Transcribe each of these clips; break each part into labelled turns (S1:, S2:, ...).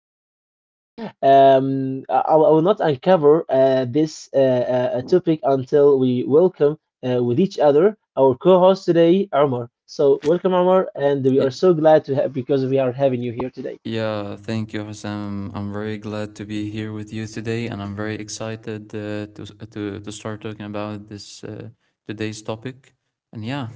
S1: grab your attention. I will not uncover this topic until we welcome with each other our co host today, Omar. So, welcome, Omar, and we are
S2: Y-
S1: so glad to have because we are having you here today.
S2: Yeah, thank you, Hussam. I'm very glad to be here with you today, and I'm very excited to s- to start talking about this today's topic. And yeah,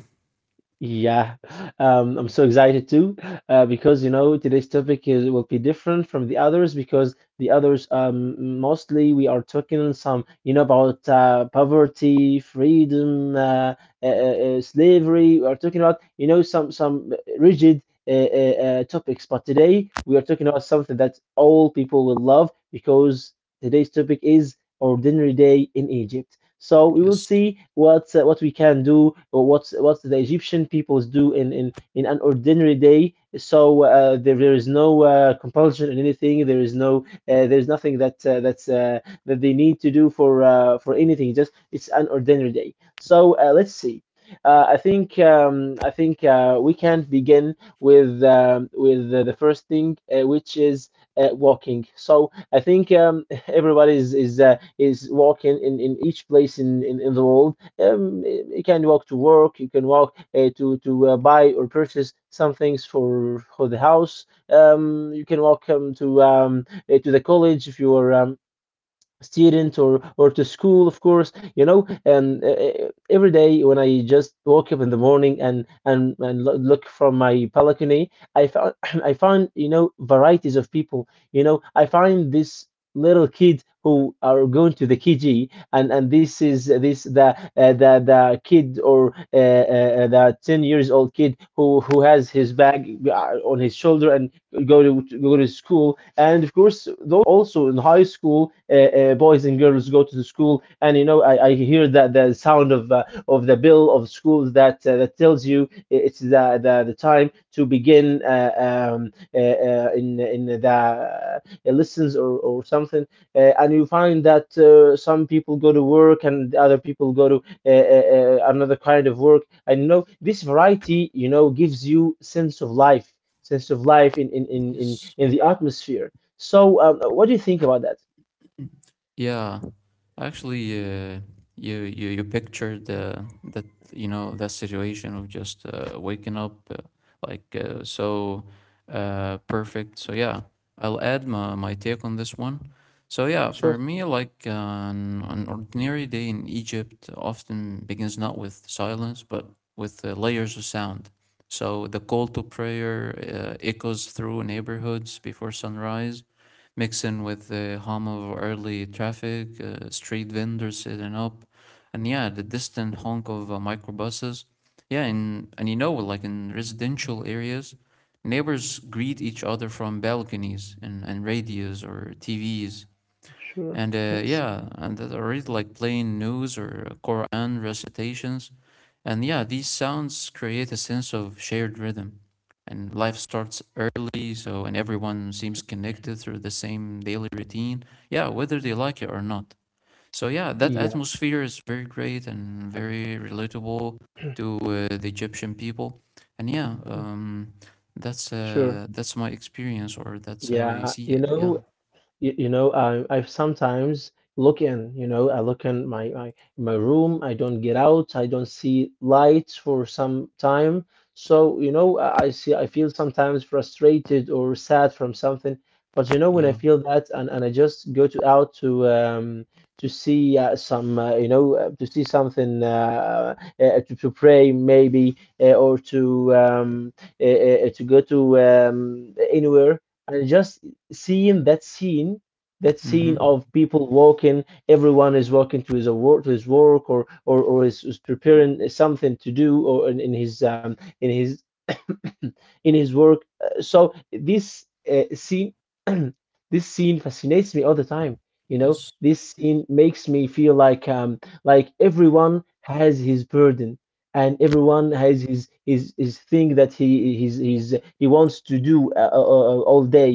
S1: Yeah, I'm so excited too, because you know today's topic is will be different from the others because the others mostly we are talking some you know about poverty, freedom, slavery. We are talking about you know some rigid topics, but today we are talking about something that all people will love because today's topic is ordinary day in Egypt. So we will
S2: yes,
S1: see what we can do, or what the Egyptian peoples do in an ordinary day. So there is no compulsion in anything. There is there's nothing that that's that they need to do for anything. Just it's an ordinary day. So let's see. I think we can begin with the first thing, which is walking. So I think everybody is walking in each place in the world. You can walk to work, you can walk to buy or purchase some things for the house. You can walk to the college if you are student or to school of course you know. And every day when I just woke up in the morning and look from my balcony I found I found you know varieties of people. You know, I find this little kid who are going to the kg, and this is this the kid, or the 10 years old kid who has his bag on his shoulder, and go to school. And of course though also in high school, boys and girls go to the school. And you know I hear that the sound of the bell of school that that tells you it's the time to begin in the lessons or something. And you find that some people go to work and other people go to another kind of work. And you know this variety you know gives you sense of life, sense of life in in in in,
S2: yes.
S1: in the atmosphere. So, what do you think about that?
S2: Yeah, actually, You pictured
S1: Mhm.
S2: that you know that situation of just waking up so perfect. So yeah, I'll add my take on this one. So yeah, for
S1: Sure,
S2: me, like an ordinary day in Egypt often begins not with silence but with layers of sound. So the call to prayer echoes through neighborhoods before sunrise mix in with the hum of early traffic, street vendors setting up, and yeah, the distant honk of microbuses. Yeah, and you know, like in residential areas, neighbors greet each other from balconies and radios or TVs.
S1: sure.
S2: And
S1: Yes.
S2: yeah, and that I read like plain news or Quran recitations. And yeah, these sounds create a sense of shared rhythm. And life starts early, so and everyone seems connected through the same daily routine. Yeah, whether they like it or not. So yeah, that
S1: Yeah.
S2: atmosphere is very great and very relatable to the Egyptian people. And yeah,
S1: Mm.
S2: um, that's
S1: Sure,
S2: uh, that's my experience, or that's how I
S1: yeah,
S2: see
S1: you
S2: it. Yeah,
S1: know. You know I sometimes look in you know I look in my my room, I don't get out, I don't see lights for some time. So you know I see, I feel sometimes frustrated or sad from something. But you know when I
S2: yeah.
S1: feel that, and I just go to out to see some you know to see something, to pray maybe, or to go to anywhere. And I just seeing that scene, that scene
S2: Mm-hmm.
S1: of people walking, everyone is walking to his work, is preparing something to do, or in his in his work. So this scene, this scene fascinates me all the time. You know
S2: Yes.
S1: this scene makes me feel like everyone has his burden, and everyone has his thing that he his he wants to do all day.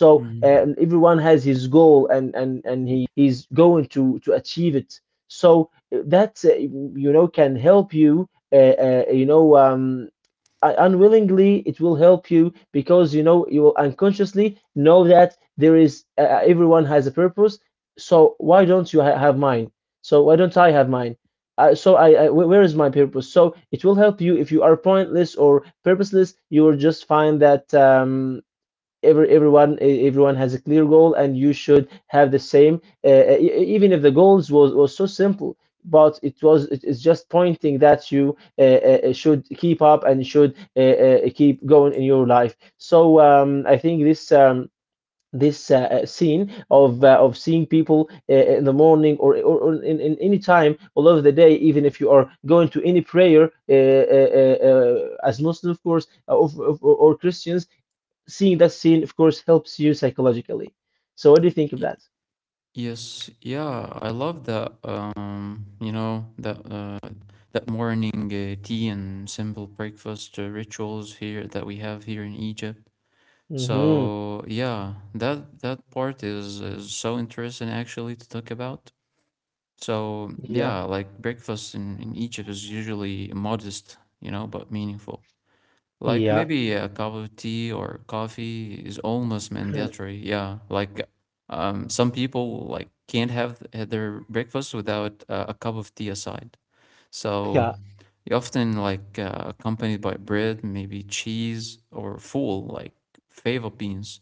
S1: So
S2: Mhm.
S1: everyone has his goal, and he he's going to achieve it. So that you know, can help you, you know, unwillingly it will help you, because you know you will unconsciously know that there is everyone has a purpose. So why don't have mine? So why don't I have mine? Where is my purpose? So it will help you if you are pointless or purposeless. You will just find that everyone, everyone has a clear goal, and you should have the same, even if the goals was so simple. But it was, it is just pointing that you should keep up and should keep going in your life. So I think this scene of seeing people in the morning, or in any time all over the day, even if you are going to any prayer, as muslim of course, or christians, seeing that scene, of course, helps you psychologically. So, what do you think of
S2: Y-
S1: that?
S2: Yes, yeah, I love that. You know that that morning tea and simple breakfast rituals here that we have here in Egypt.
S1: Mm-hmm.
S2: So yeah, that that part is so interesting actually to talk about. So yeah,
S1: Yeah,
S2: like breakfast in Egypt is usually modest, you know, but meaningful. Like
S1: yeah,
S2: maybe a cup of tea or coffee is almost mandatory. Yeah, like some people like can't have their breakfast without a cup of tea aside. So
S1: yeah,
S2: you often like accompanied by bread, maybe cheese or full like fava beans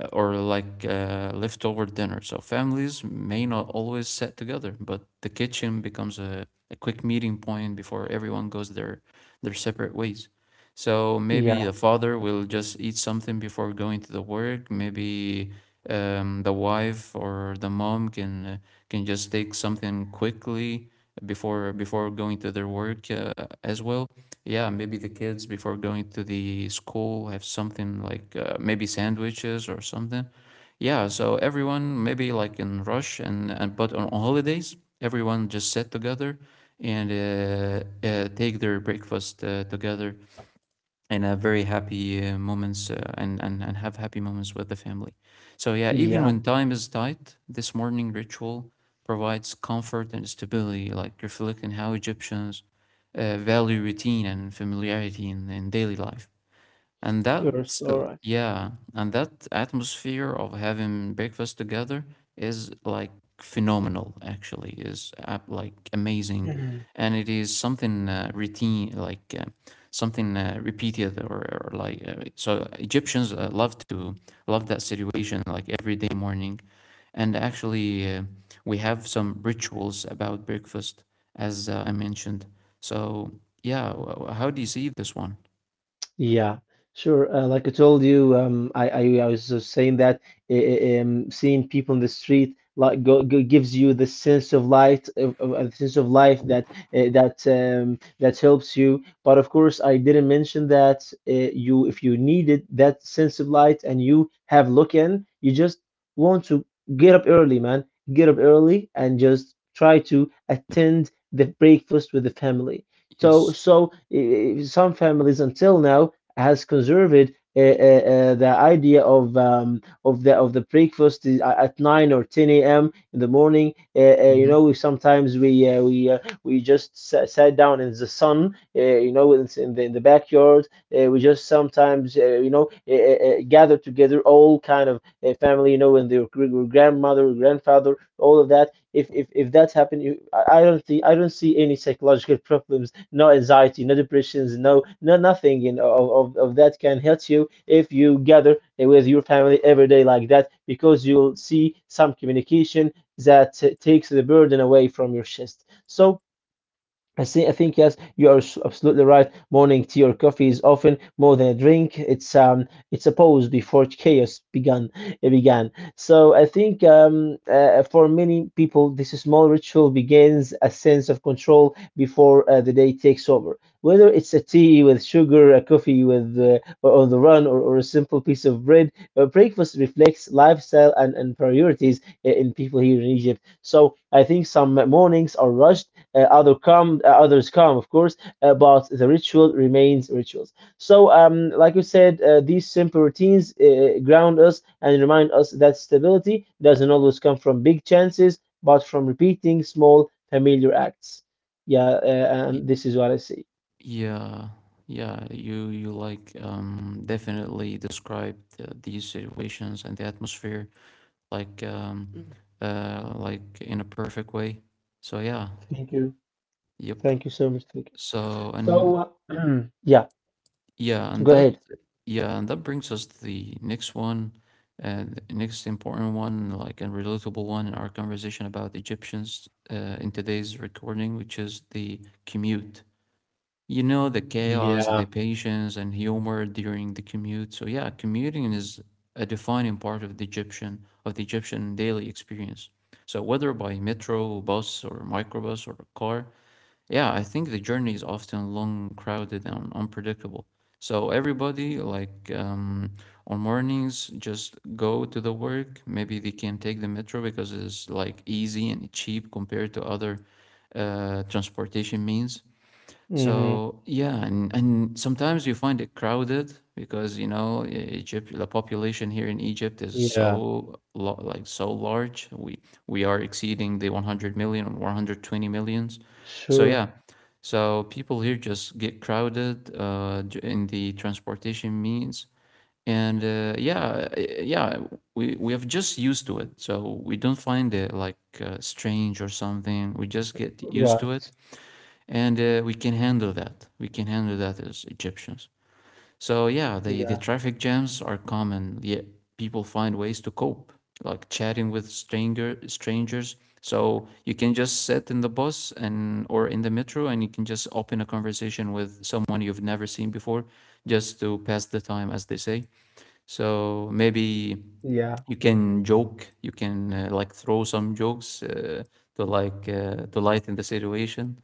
S2: or leftover dinner. So families may not always sit together, but the kitchen becomes a quick meeting point before everyone goes their separate ways. So maybe
S1: yeah,
S2: the father will just eat something before going to the work. Maybe the wife or the mom can just take something quickly before going to their work as well. Yeah, maybe the kids before going to the school have something like maybe sandwiches or something. Yeah, so everyone maybe like in rush and but on holidays, everyone just sit together and take their breakfast together and have very happy moments and have happy moments with the family. So, yeah, even
S1: yeah.
S2: when time is tight, this morning ritual provides comfort and stability, like reflecting how Egyptians value routine and familiarity in daily life.
S1: You're so right.
S2: And that atmosphere of having breakfast together is like phenomenal, actually, is like amazing. And it is something routine, like something repeated or so Egyptians love that situation like every day morning. And actually, we have some rituals about breakfast, as I mentioned. So, yeah, how do you see this one?
S1: Yeah, sure. Like I told you, I was just saying that seeing people in the street like go, gives you the sense of light, of sense of life that that helps you. But of course, I didn't mention that if you needed that sense of light and you have look in, you just want to get up early, man. Get up early and just try to attend the breakfast with the family. So,
S2: Yes.
S1: so uh, some families until now has conserved the idea of of the breakfast at 9 or 10 a.m. in the morning. You
S2: Mm-hmm.
S1: know, we sometimes we just sat down in the sun. You know, in the backyard. We just sometimes, gather together, all kind of family. You know, and their grandmother, grandfather, all of that. If that happened, you, I don't think, I don't see any psychological problems, no anxiety, no depressions, no nothing in of that. Can help you if you gather with your family every day like that, because you'll see some communication that takes the burden away from your chest. So I see. I think yes, you are absolutely right. Morning tea or coffee is often more than a drink. It's a pause before chaos began. It began. So I think for many people, this small ritual begins a sense of control before the day takes over. Whether it's a tea with sugar, a coffee with or on the run, or a simple piece of bread, breakfast reflects lifestyle and priorities in people here in Egypt. So I think some mornings are rushed, others come of course, but the ritual remains rituals. So like you said, these simple routines ground us and remind us that stability doesn't always come from big chances, but from repeating small familiar acts. Yeah, and
S2: Y-
S1: this is what I see.
S2: Yeah, yeah, you like definitely described these situations and the atmosphere like um
S1: Mm.
S2: like in a perfect way. So yeah,
S1: Thank you.
S2: yep.
S1: Thank you so much, thank you.
S2: So and
S1: So yeah,
S2: yeah, and
S1: go
S2: that
S1: ahead.
S2: Yeah, and that brings us to the next one and next important one, like a relatable one in our conversation about Egyptians in today's recording, which is the commute. You know, the chaos, the
S1: Yeah,
S2: patience, and humor during the commute. So yeah, commuting is a defining part of the Egyptian daily experience. So whether by metro, bus, or microbus, or car, yeah, I think the journey is often long, crowded, and unpredictable. So everybody, like on mornings, just go to the work. Maybe they can take the metro because it's like easy and cheap compared to other transportation means.
S1: mm-hmm.
S2: So yeah, and sometimes you find it crowded because you know Egypt, the population here in Egypt is
S1: Yeah,
S2: so lo like so large. We are exceeding the 100 million or 120 millions. So
S1: sure.
S2: yeah, so people here just get crowded in the transportation means, and yeah, we have just used to it. So we don't find it like strange or something. We just get used to
S1: Right.
S2: it and we can handle that. We can handle that as Egyptians. So yeah, the
S1: Yeah,
S2: the traffic jams are common. Yet people find ways to cope, like chatting with strangers. So you can just sit in the bus and or in the metro, and you can just open a conversation with someone you've never seen before, just to pass the time, as they say. So maybe
S1: yeah,
S2: you can joke, you can throw some jokes to lighten the situation.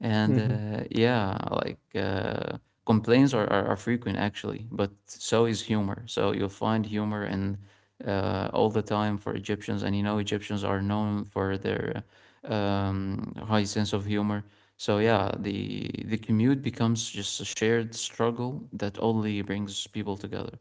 S2: And
S1: mm-hmm.
S2: yeah, complaints are frequent actually, but so is humor. So you'll find humor in all the time for Egyptians, and you know Egyptians are known for their high sense of humor. So yeah, the commute becomes just a shared struggle that only brings people together.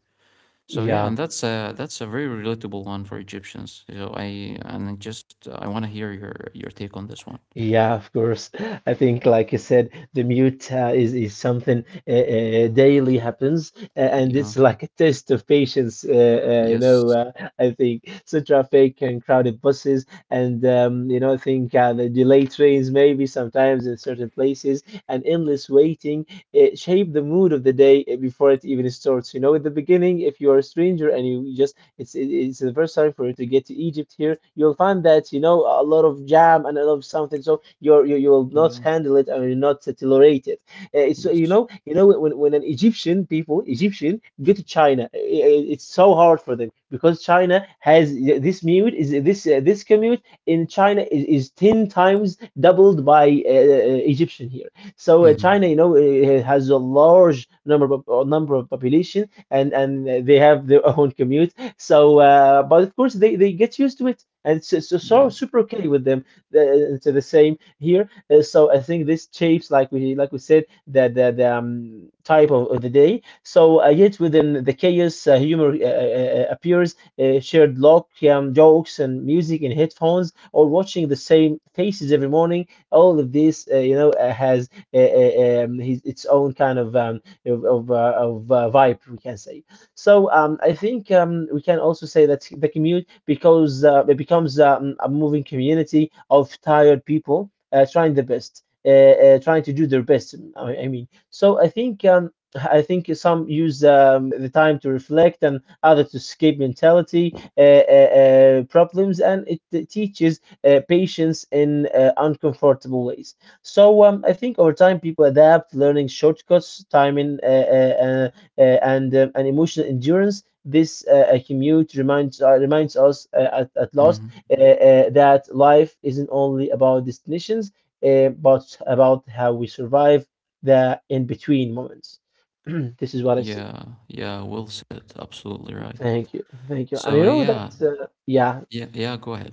S2: So
S1: Yeah.
S2: yeah, and that's a very relatable one for Egyptians. So I and I just I want to hear your take on this one.
S1: Yeah, of course. I think, like I said, the mute is something daily happens, and
S2: Yeah.
S1: it's like a test of patience. You know,
S2: Yes.
S1: I think so traffic and crowded buses, and you know, I think the delayed trains maybe sometimes in certain places, and endless waiting, it shape the mood of the day before it even starts. You know, at the beginning, if you are a stranger and you just, it's necessary for you to get to Egypt here. You'll find that you know a lot of jam and a lot of something. So you you will not
S2: Yeah.
S1: handle it, and you'll not tolerate it. It's you
S2: Yes.
S1: know, when an Egyptian people Egyptian go to China, I it's so hard for them, because China has this mute, is this this commute in China is 10 times doubled by Egyptian here. So
S2: Hmm.
S1: China, has a large number of number of population, and they have their own commute. So but of course they get used to it, and it's so
S2: Yeah.
S1: super okay with them. It's the same here. So I think this shapes, like we said, the type of the day. So yet within the chaos, humor appears, shared lock, jokes and music in headphones, or watching the same faces every morning. All of this, has its own kind of vibe, we can say. So I think, we can also say that the commute, because it becomes, a moving community of tired people, trying the best, trying to do their best. I mean, so I think some use the time to reflect, and others to escape mentality problems, and it teaches patience in uncomfortable ways. So I think, over time, people adapt, learning shortcuts, timing, and emotional endurance. This commute reminds us, at last,
S2: Hmm.
S1: that life isn't only about destinations, but about how we survive the in between moments. This is what I see.
S2: Yeah. Yeah. Well said. Absolutely right.
S1: Thank you, thank you. And you
S2: So
S1: know
S2: yeah.
S1: that, yeah.
S2: Yeah. Yeah. Go ahead.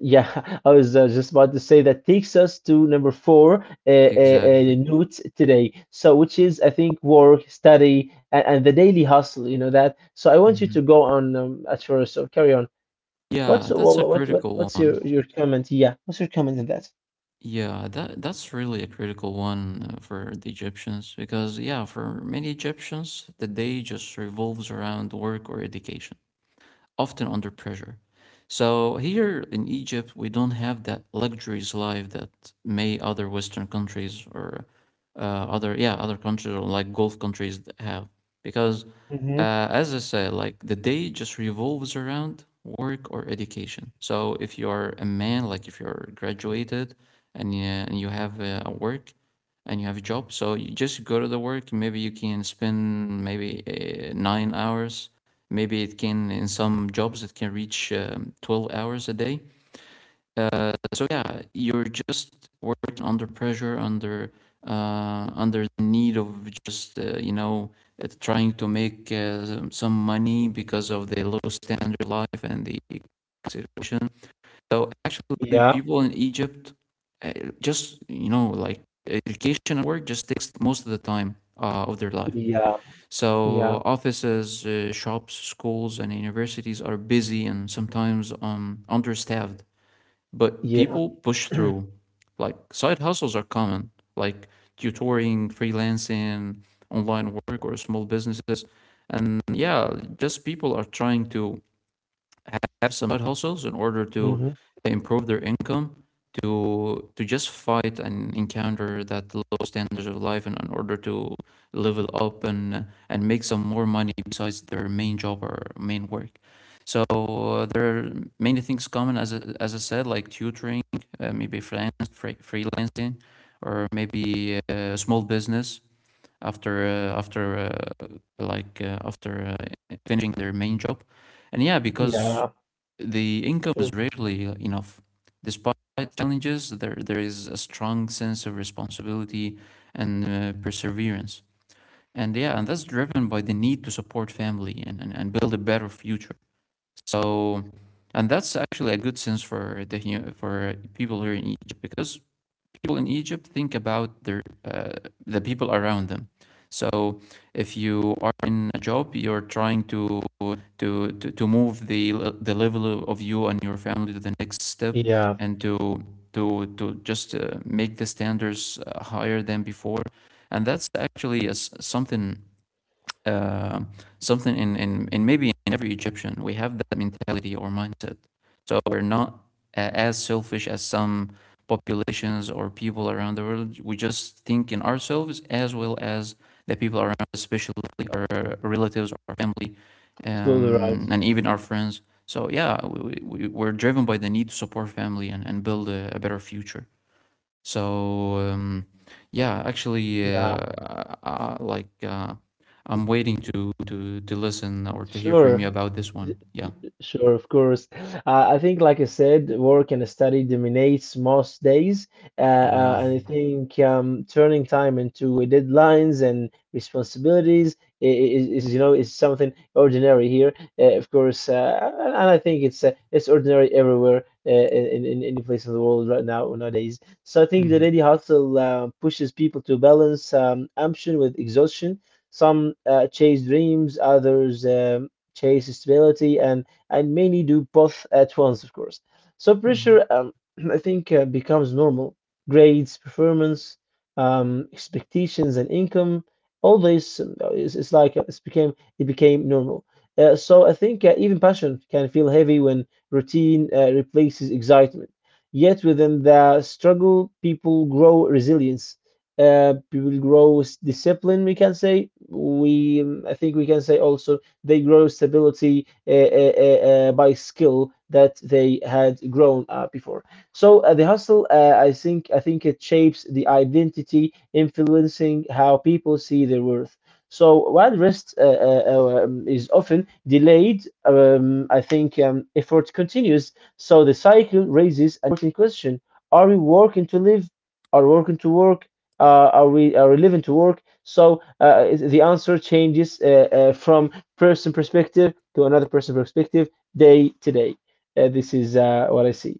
S1: Yeah, I was just about to say that takes us to number four,
S2: Exactly.
S1: notes today. So, which is, I think, work, study, and the daily hustle. You know that. So I want you to
S2: Hmm.
S1: go on, at first. So, carry on. What's
S2: Yeah. That's a
S1: what what, what
S2: critical
S1: what's
S2: one.
S1: your comment? Yeah, what's your comment on that?
S2: Yeah. That that's really a critical one for the Egyptians because yeah, for many Egyptians, the day just revolves around work or education, often under pressure. So here in Egypt, we don't have that luxurious life that may other Western countries or other countries or like Gulf countries have because
S1: Mm-hmm.
S2: as I said, like the day just revolves around work or education. So if you are a man, like if you're graduated and you have a work and you have a job, so you just go to the work. Maybe you can spend maybe 9 hours. Maybe it can, in some jobs, it can reach 12 hours a day. So yeah, you're just working under pressure, under under the need of just trying to make money because of the low standard of life and the situation. So actually,
S1: Yeah,
S2: people in Egypt uh, just you know like education and work just takes most of the time of their life.
S1: yeah,
S2: So
S1: yeah,
S2: offices, shops, schools, and universities are busy and sometimes understaffed, but
S1: yeah.
S2: people push through. Like side hustles are common, like tutoring, freelancing, online work, or small businesses. And yeah, just people are trying to have some side hustles in order to
S1: Mm-hmm.
S2: improve their income, to just fight and encounter that low standards of life, and in order to level up and make some more money besides their main job or main work. So there are many things common as I said, like tutoring, maybe freelance, freelancing, or maybe small business after uh, after uh, after finishing their main job and yeah because
S1: Yeah,
S2: the income is
S1: sure.
S2: rarely enough, despite challenges, there is a strong sense of responsibility and perseverance. And yeah, and that's driven by the need to support family and build a better future. So, and that's actually a good sense for for people here in Egypt because people in Egypt think about their the people around them. So if you are in a job, you're trying to to move the level of you and your family to the next step,
S1: Yeah,
S2: and to just make the standards higher than before, and that's actually a s something uh, in maybe in every Egyptian. We have that mentality or mindset. So we're not as selfish as some populations or people around the world. We just think in ourselves as well as the people around, especially our relatives, our family,
S1: absolutely right.
S2: and even our friends. So yeah, we're driven by the need to support family and build a better future. So yeah, actually,
S1: Yeah,
S2: uh, like uh, I'm waiting to listen or to hear from you
S1: sure.
S2: about this one. Yeah,
S1: Sure, of course. I think, like I said, work and study dominates most days.
S2: yeah,
S1: And I think, turning time into deadlines and responsibilities is something ordinary here. Of course, and I think it's ordinary everywhere, in any place in the world right now nowadays. So I think the
S2: hmm,
S1: daily hustle pushes people to balance ambition with exhaustion. Some chase dreams, others chase stability, and many do both at once, of course. So
S2: hmm,
S1: pressure, I think, becomes normal. Grades, performance, expectations, and income. All this, is like, it became normal. So I think, even passion can feel heavy when routine replaces excitement. Yet within the struggle, people grow resilience. People grow discipline. We can say we. I think we can say also, they grow stability by skill that they had grown before. So the hustle, I think it shapes the identity, influencing how people see their worth. So while rest is often delayed, I think effort continues. So the cycle raises an important question: Are we working to live? Are we working to work? Are we living to work? So the answer changes, from person perspective to another person perspective, day to day. This is what I see,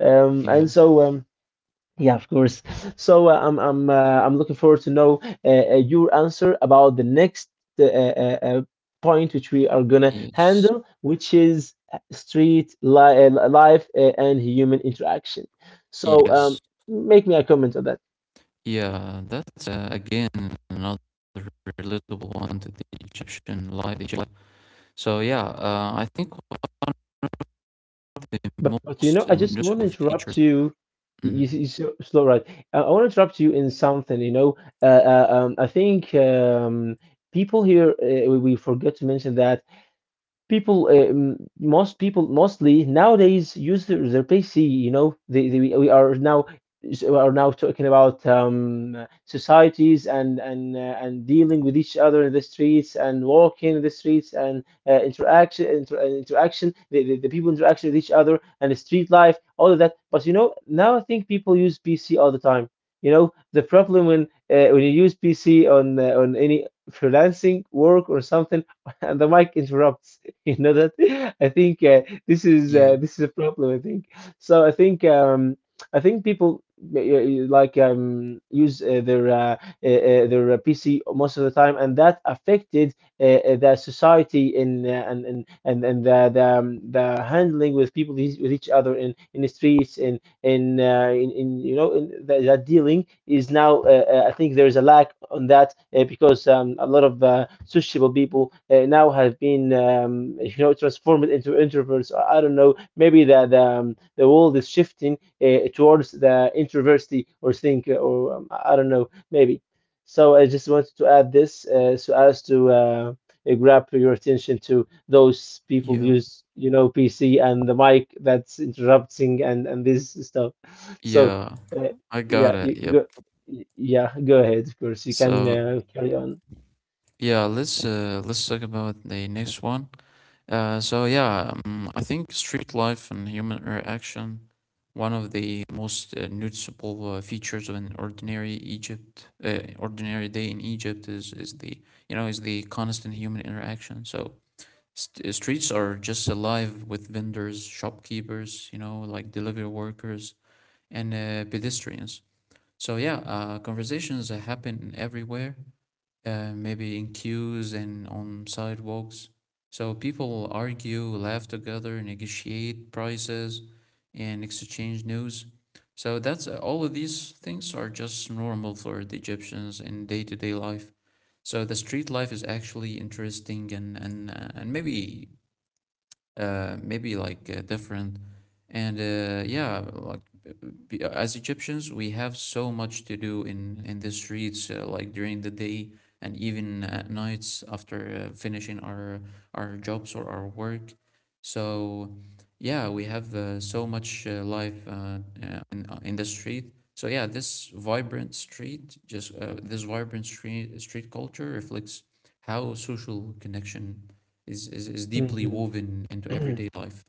S2: yeah,
S1: and so. Yeah, of course. So I'm looking forward to know your answer about the next uh, uh, uh, point, which we are gonna
S2: yes,
S1: handle, which is street life and human interaction. So
S2: yes,
S1: make me a comment on that.
S2: yeah. That's again another relatable one to the Egyptian life. They So yeah, I think one of the
S1: But you know,
S2: most
S1: I just want to
S2: noticeable features.
S1: interrupt you. You,
S2: Mhm.
S1: you so, slow, right? I want to interrupt you in something. You know, I think, people here, we forget to mention that people, most people mostly nowadays use their PC. You know they We are now talking about, societies, and dealing with each other in the streets, and walking in the streets, and interaction, the people interaction with each other, and the street life, all of that. But you know, now I think people use PC all the time. You know the problem, when you use PC on, on any freelancing work or something, and the mic interrupts. You know that? I think
S2: Yeah,
S1: this is a problem, I think. So I think people, like, use their PC most of the time, and that affected, the society in, and the the handling with people, with each other in the streets in, in you know, in that dealing is now. I think there is a lack on that, because a lot of sociable people now have been, you know, transformed into introverts. I don't know. Maybe that the world is shifting, towards the introversity, or think, or I don't know, maybe. So I just wanted to add this, so as to grab your attention too. Those people
S2: yeah,
S1: use, you know, PC and the mic that's interrupting, and this stuff. So,
S2: yeah.
S1: uh,
S2: I got
S1: yeah,
S2: it.
S1: you
S2: Yep.
S1: go. Yeah, go ahead. Of course, you can
S2: So
S1: carry on.
S2: yeah, let's talk about the next one. So yeah, I think street life and human interaction, one of the most noticeable features of an ordinary ordinary day in Egypt is the constant human interaction. So streets are just alive with vendors, shopkeepers, like delivery workers and pedestrians. So yeah, conversations happen everywhere, maybe in queues and on sidewalks. So people argue, laugh together, negotiate prices, and exchange news. So that's all of these things are just normal for the Egyptians in day to day life. So the street life is actually interesting, and maybe like different. And yeah, like as Egyptians, we have so much to do in the streets, like during the day and even at nights after finishing our jobs or our work. So yeah, we have so much life in the street. So yeah, this vibrant street, just this vibrant street culture reflects how social connection is deeply
S1: Mhm.
S2: woven into everyday life.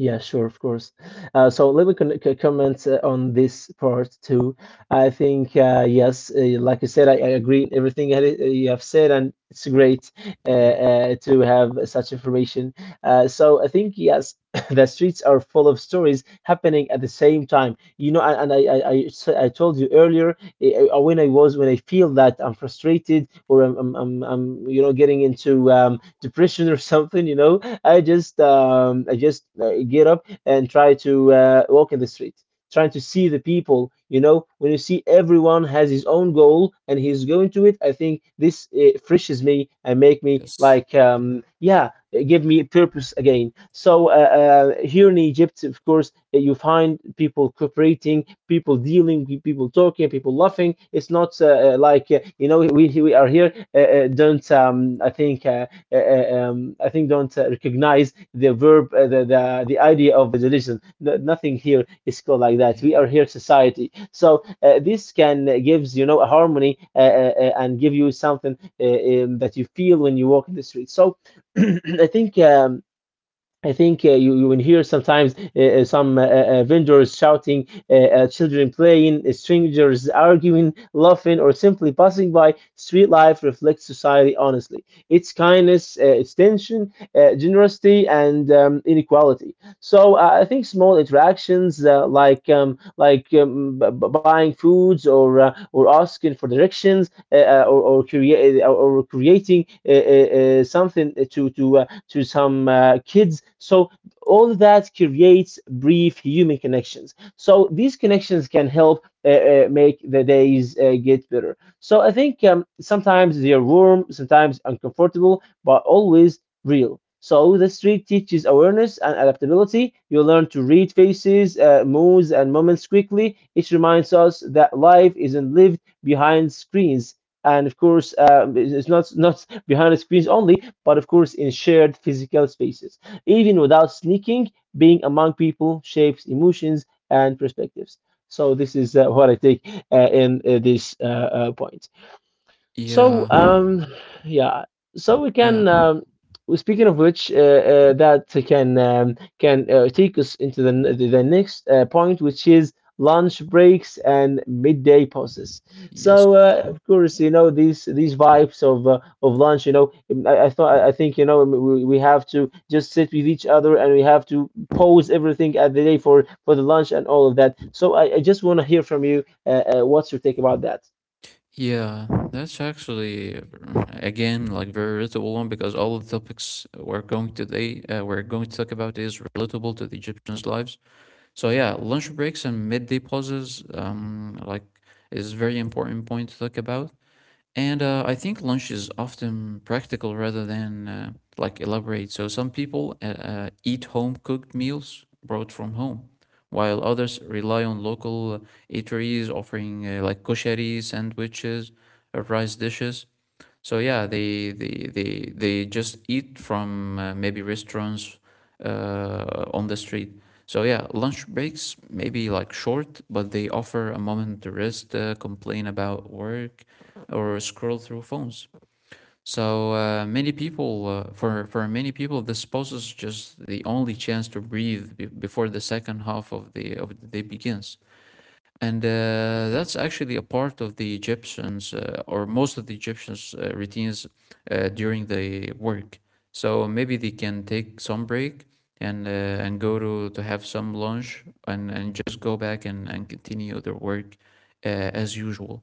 S1: Yeah, sure, of course. So let me con c comment on this part too. I think, yes, like I said, I agree in everything that you have said, and it's great
S2: Yeah.
S1: to have such information. So I think, yes, the streets are full of stories happening at the same time. You know, and I told you earlier, when I feel that I'm frustrated, or I'm you know, getting into depression or something, you know. I just get up and try to walk in the street, trying to see the people. You know, when you see everyone has his own goal and he's going to it, I think this freshes me and make me
S2: Yes.
S1: like, yeah, give me purpose again. So here in Egypt, of course, you find people cooperating, people dealing, people talking, people laughing. It's not, like, you know, we are here. Don't, I think. I think don't recognize the verb, the idea of the religion. No, nothing here is called like that. We
S2: Yeah.
S1: are here society. So this can gives, you know, a harmony, and give you something, that you feel when you walk in the street. So I think. I think, you will hear sometimes, some vendors shouting, children playing, strangers arguing, laughing, or simply passing by. Street life reflects society honestly. It's kindness, it's tension, generosity, and inequality. So I think small interactions, like, like, buying foods, or or asking for directions, or creating, something to to some kids. So all that creates brief human connections. So these connections can help, make the days get better. So I think, sometimes they're warm, sometimes uncomfortable, but always real. So the street teaches awareness and adaptability. You learn to read faces, moods, and moments quickly. It reminds us that life isn't lived behind screens, and of course it's not behind the screens only, but of course in shared physical spaces. Even without sneaking, being among people shapes emotions and perspectives. So this is what I take, in this point. so
S2: Yeah.
S1: um, yeah. So we
S2: Yeah.
S1: can. Speaking of which, that can take us into the the next point, which is lunch breaks and midday pauses.
S2: Yes.
S1: So of course, you know, these vibes of, of lunch. You know, I think we have to just sit with each other, and we have to pause everything at the day for the lunch, and all of that. So I just want to hear from you. What's your take about that?
S2: Yeah. That's actually, again, like, very relatable one, because all of the topics we're going to talk about is relatable to the Egyptians' lives. So yeah, lunch breaks and midday pauses, like, is very important point to talk about. And I think lunch is often practical rather than like elaborate. So some people eat home cooked meals brought from home, while others rely on local eateries offering like koshari sandwiches, rice dishes. So yeah, they just eat from maybe restaurants on the street. So yeah, lunch breaks maybe like short, but they offer a moment to rest, complain about work, or scroll through phones. So many people, for many people, this pause is just the only chance to breathe before the second half of the day begins. And that's actually a part of the Egyptians, or most of the Egyptians' routines during the work. So maybe they can take some break and uh, and go to have some lunch, and just go back, and continue their work as usual.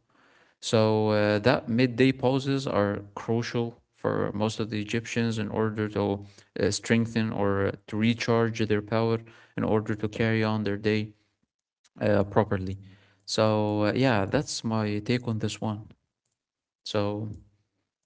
S2: So that midday pauses are crucial for most of the Egyptians in order to strengthen or to recharge their power in order to carry on their day properly. So yeah, that's my take on this one. So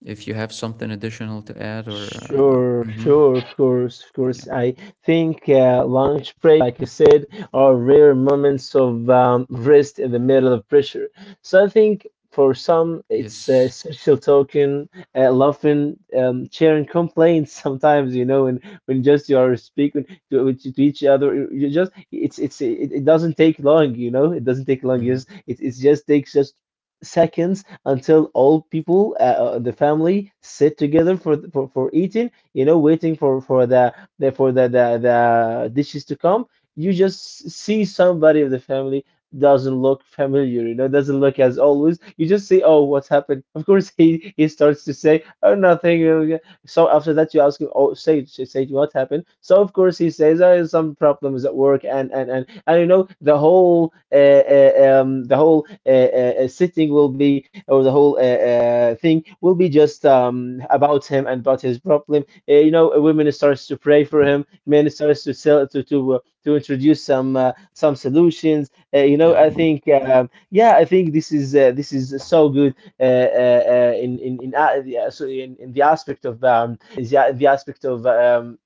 S2: if you have something additional to add, or like,
S1: Sure,
S2: mm-hmm,
S1: sure, of course, of course.
S2: yeah,
S1: I think, lunch break, like you said, are rare moments of, rest in the middle of pressure. So I think for some, it's
S2: yes,
S1: social talking, laughing, sharing complaints sometimes, you know, and when just you are speaking to each other, you just it's it, it doesn't take long, you know, it doesn't take long.
S2: mm-hmm,
S1: Yes, it just takes just seconds until all people, the family, sit together for eating. You know, waiting for the dishes to come. You just see somebody of the family doesn't look familiar. You know, doesn't look as always. You just say, "Oh, what's happened?" Of course, he starts to say, "Oh, nothing." So after that, you ask him, "Oh, Sage, Sage, what happened?" So of course he says, "I some problems at work," and you know the whole sitting will be, or the whole thing will be just about him and about his problem. You know, women starts to pray for him, men starts to sell to introduce some solutions. You know,
S2: yeah,
S1: I think yeah, I think this is so good uh, uh, in, yeah, so in the aspect of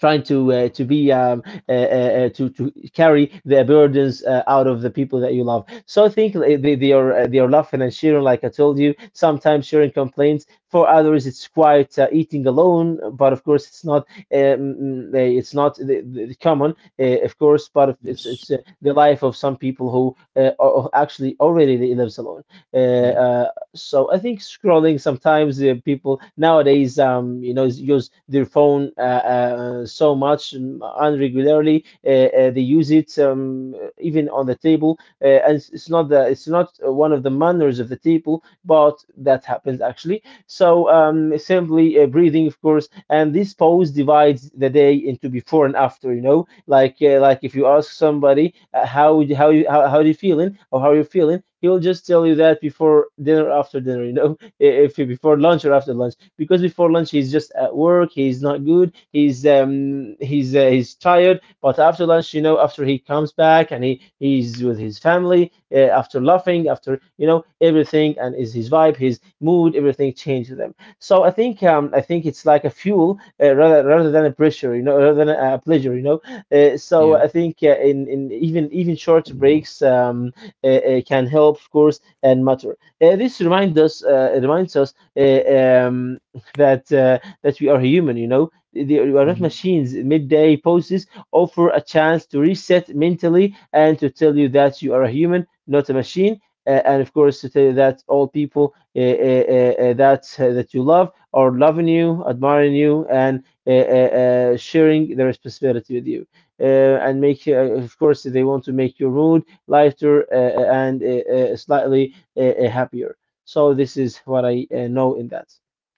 S1: trying to be to carry their burdens out of the people that you love. So I think like, they are laughing and sharing, like I told you. Sometimes sharing complaints. For others, it's quite eating alone, but of course, it's not the common, of course. But it's
S2: yes,
S1: it's uh, the life of some people who are actually already lives alone. Uh,
S2: yeah,
S1: uh, so I think scrolling sometimes, people nowadays, you know, use their phone so much and unregularly. They use it even on the table, and it's not the it's not one of the manners of the table, but that happens actually. So simply breathing, of course, and this pose divides the day into before and after. You know, like if you ask somebody how would- how you how are you feeling, or how are you feeling, he will just tell you that before dinner, after dinner, you know, if before lunch or after lunch, because before lunch he's just at work, he's not good, he's he's tired. But after lunch, you know, after he comes back and he's with his family, after laughing, after you know everything, and is his vibe, his mood, everything changes them. So I think it's like a fuel rather than a pressure, you know, rather than a pleasure, you know. So
S2: yeah,
S1: I think in even even short breaks, can help, of course, and matter. This reminds us um, that that we are human. You know, we are not
S2: mm-hmm,
S1: machines. Midday poses offer a chance to reset mentally and to tell you that you are a human, not a machine. And of course, to tell you that all people that you love are loving you, admiring you, and sharing their responsibility with you uh, and make of course they want to make your mood lighter, and slightly happier. So this is what I know in that.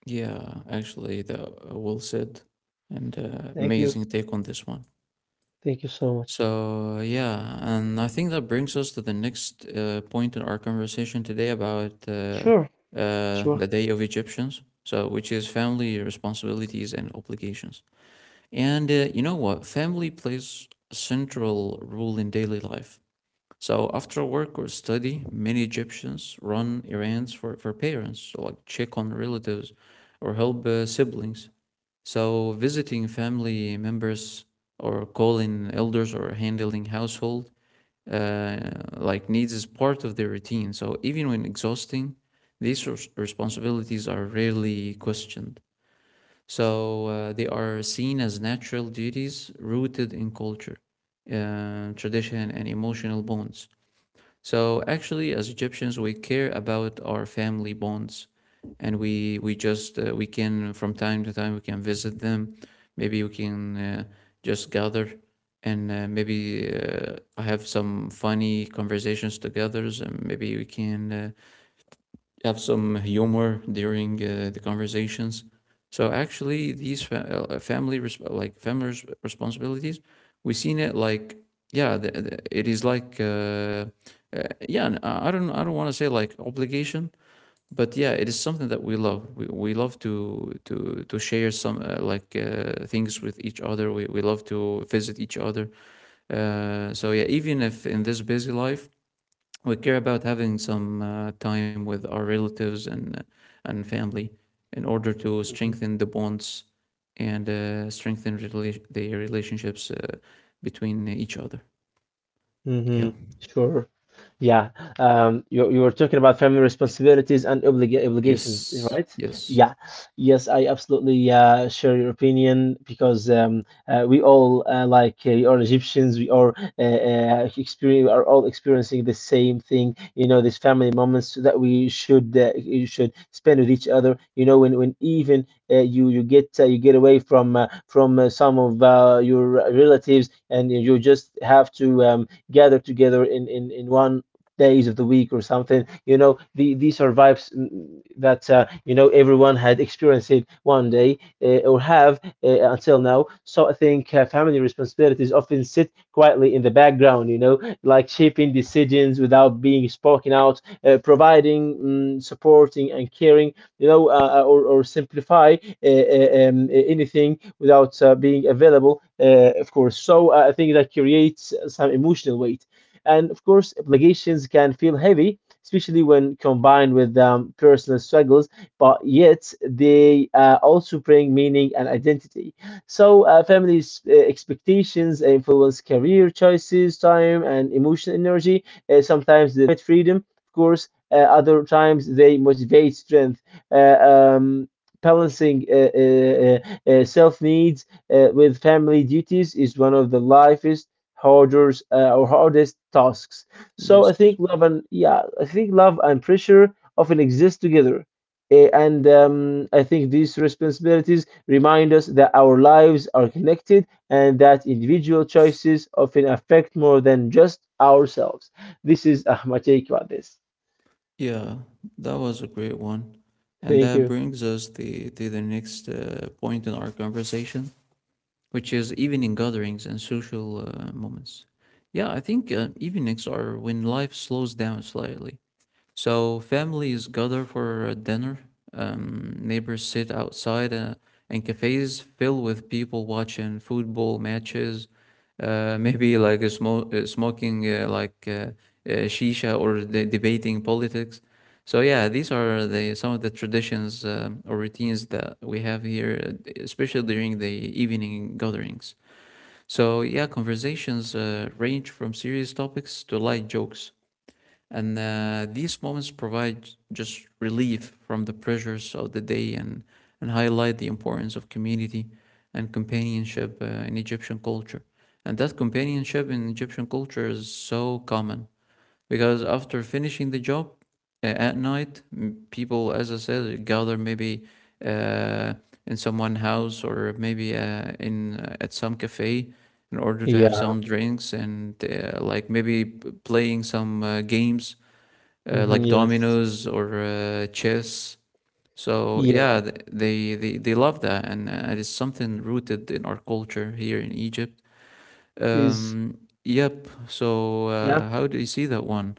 S2: yeah. Actually, that well said, and
S1: Thank you.
S2: amazing take on this one.
S1: Thank you so much.
S2: So, yeah, and I think that brings us to the next point in our conversation today about
S1: Sure, sure.
S2: the Day of Egyptians, so which is family responsibilities and obligations. And you know what? Family plays a central role in daily life. So after work or study, many Egyptians run errands for parents, so like check on relatives or help siblings. So visiting family members, or calling elders, or handling household uh, like needs is part of their routine. So even when exhausting, these responsibilities are rarely questioned. So they are seen as natural duties rooted in culture, tradition, and emotional bonds. So actually, as Egyptians, we care about our family bonds, and we just we can from time to time we can visit them. Maybe we can just gather, and maybe have some funny conversations together. And maybe we can have some humor during the conversations. So actually, these family responsibilities, we seen it like, yeah, it is like, uh, yeah. I don't want to say like obligation, but yeah, it is something that we love. We love to share some like things with each other. We love to visit each other. So yeah, even if in this busy life we care about having some time with our relatives, and family, in order to
S1: Hmm.
S2: strengthen the bonds and strengthen the relationships between each other. Yeah.
S1: Hmm. Sure. Yeah, you you were talking about family responsibilities and obligations,
S2: Yes.
S1: right?
S2: Yes.
S1: Yeah, yes, I absolutely share your opinion because we all are Egyptians. We are experience are all experiencing the same thing. You know, these family moments that we should you should spend with each other. You know, when even you you get away from some of your relatives and you just have to gather together in one days of the week or something. You know, the, these are vibes that you know everyone had experienced it one day or have until now. So I think family responsibilities often sit quietly in the background. You know, like shaping decisions without being spoken out, providing, supporting, and caring. You know, or simplify anything without being available. Of course, so I think that creates some emotional weight, and of course, obligations can feel heavy, especially when combined with personal struggles, but yet they also bring meaning and identity. So, families' expectations influence career choices, time, and emotional energy. Sometimes they limit freedom, of course. Other times they motivate strength. Uh, um, balancing self needs with family duties is one of the life's harder or hardest tasks. So
S2: Yes.
S1: I think love and, yeah, I think love and pressure often exist together. Eh, and I think these responsibilities remind us that our lives are connected and that individual choices often affect more than just ourselves. This is my take about this.
S2: Yeah. That was a great one, and
S1: Thank
S2: that
S1: you.
S2: brings us the to the next point in our conversation, which is evening gatherings and social moments. Yeah, I think evenings are when life slows down slightly. So families gather for dinner, neighbors sit outside, and cafes fill with people watching football matches, maybe like a smoking like shisha, or debating politics. So yeah, these are the some of the traditions, or routines, that we have here, especially during the evening gatherings. So yeah, conversations range from serious topics to light jokes. And these moments provide just relief from the pressures of the day, and highlight the importance of community and companionship in Egyptian culture. And that companionship in Egyptian culture is so common, because after finishing the job at night, people, as I said, gather, maybe uh, in someone's house, or maybe in at some cafe, in order to have
S1: Yeah.
S2: some drinks and like maybe playing some games
S1: Mhm,
S2: like
S1: yes.
S2: dominoes or chess. So
S1: Yeah.
S2: yeah, they love that, and it is something rooted in our culture here in Egypt.
S1: Is
S2: Um, yep. So
S1: yeah.
S2: uh, how do you see that one?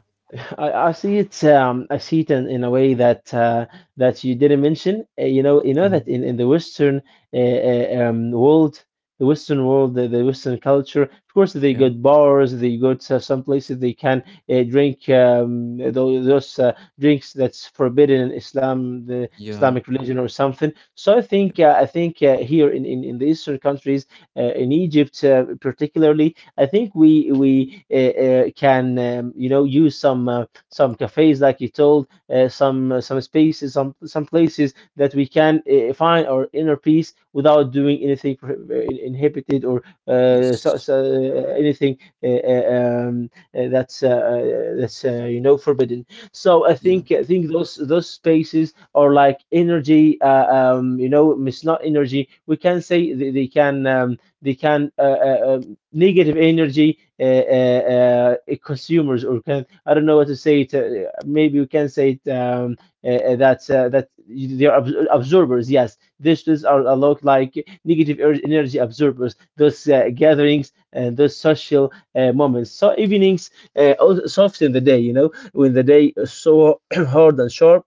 S1: I see it in a way that that you didn't mention. You know, you know that
S2: Hmm.
S1: in the Western world, the Western world, the Western culture, of course, they
S2: Yeah.
S1: got bars, they go to some places they can drink those drinks that's forbidden in Islam, the
S2: Yeah.
S1: Islamic religion or something. So I think here in the Eastern countries, in Egypt particularly, I think we can you know use some cafes like you told, some spaces, some places that we can find our inner peace without doing anything inhibited, or
S2: Yes.
S1: anything uh, uh, um, that's you know forbidden. So
S2: Yeah.
S1: I think those spaces are like energy. You know, it's not energy. We can say they can they can. Uh, uh, negative energy consumers, or can I don't know what to say it, maybe we can say it, that that they are absorbers. Yes, this is are a lot like negative energy absorbers, those gatherings and those social moments. So evenings also soften the day. You know, when the day is so hard and sharp,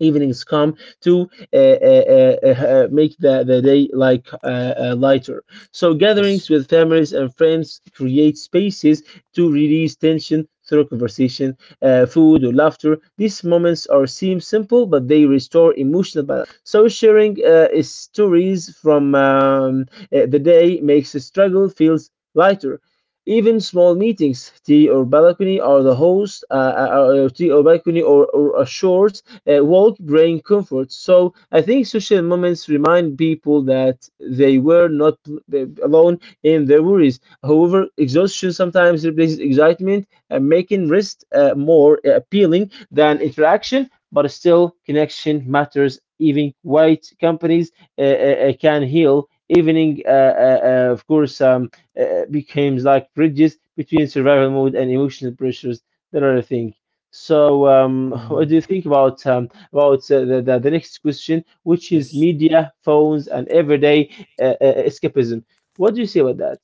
S1: evenings come to uh, uh, uh, uh, make the day like lighter. So
S2: Yes.
S1: gatherings with families and friends create spaces to release tension through conversation, food, or laughter. These moments are seem simple, but they restore emotional balance. So sharing stories from the day makes the struggle feels lighter. Even small meetings, tea or balcony, or the host, tea or balcony, or a short won't bring comfort. So I think social moments remind people that they were not alone in their worries. However, exhaustion sometimes replaces excitement, making rest more appealing than interaction, but still, connection matters. Even white companies can heal. Evening, of course, becomes like bridges between survival mode and emotional pressures. That are the things. So, what do you
S2: Hmm.
S1: think about the next question, which is
S2: Yes.
S1: media, phones, and everyday escapism? What do you say about that?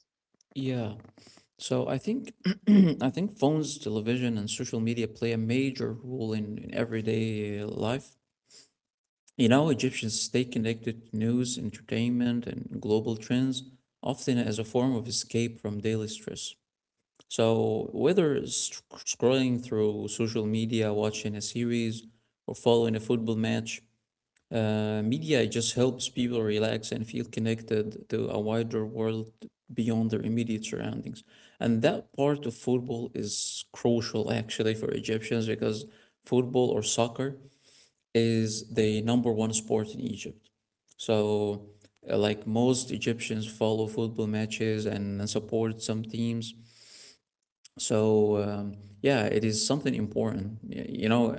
S2: Yeah. So I think I think phones, television, and social media play a major role in everyday life. You know, Egyptians stay connected to news, entertainment, and global trends, often as a form of escape from daily stress. So, whether scrolling through social media, watching a series, or following a football match, media just helps people relax and feel connected to a wider world beyond their immediate surroundings. And that part of football is crucial actually for Egyptians, because football or soccer is the number one sport in Egypt. So, like most Egyptians follow football matches, and support some teams. So, yeah, it is something important. You know,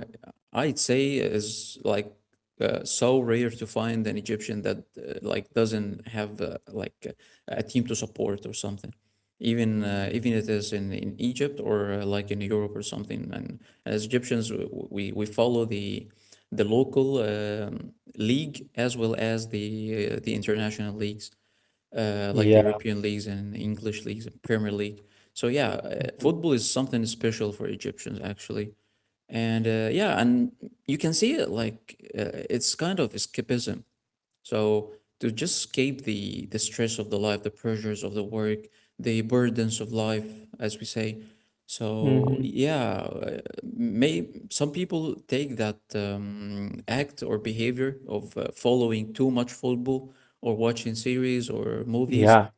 S2: I'd say is like so rare to find an Egyptian that like doesn't have like a team to support or something, even even it is in Egypt, or like in Europe or something. And as Egyptians, we follow the local league, as well as the international leagues, like the
S1: Yeah.
S2: European leagues and English leagues and Premier League. So yeah, football is something special for Egyptians actually. And yeah, and you can see it like it's kind of escapism, so to just escape the stress of the life, the pressures of the work, the burdens of life, as we say. So
S1: Hmm.
S2: yeah, may some people take that act or behavior of following too much football, or watching series or movies,
S1: Yeah.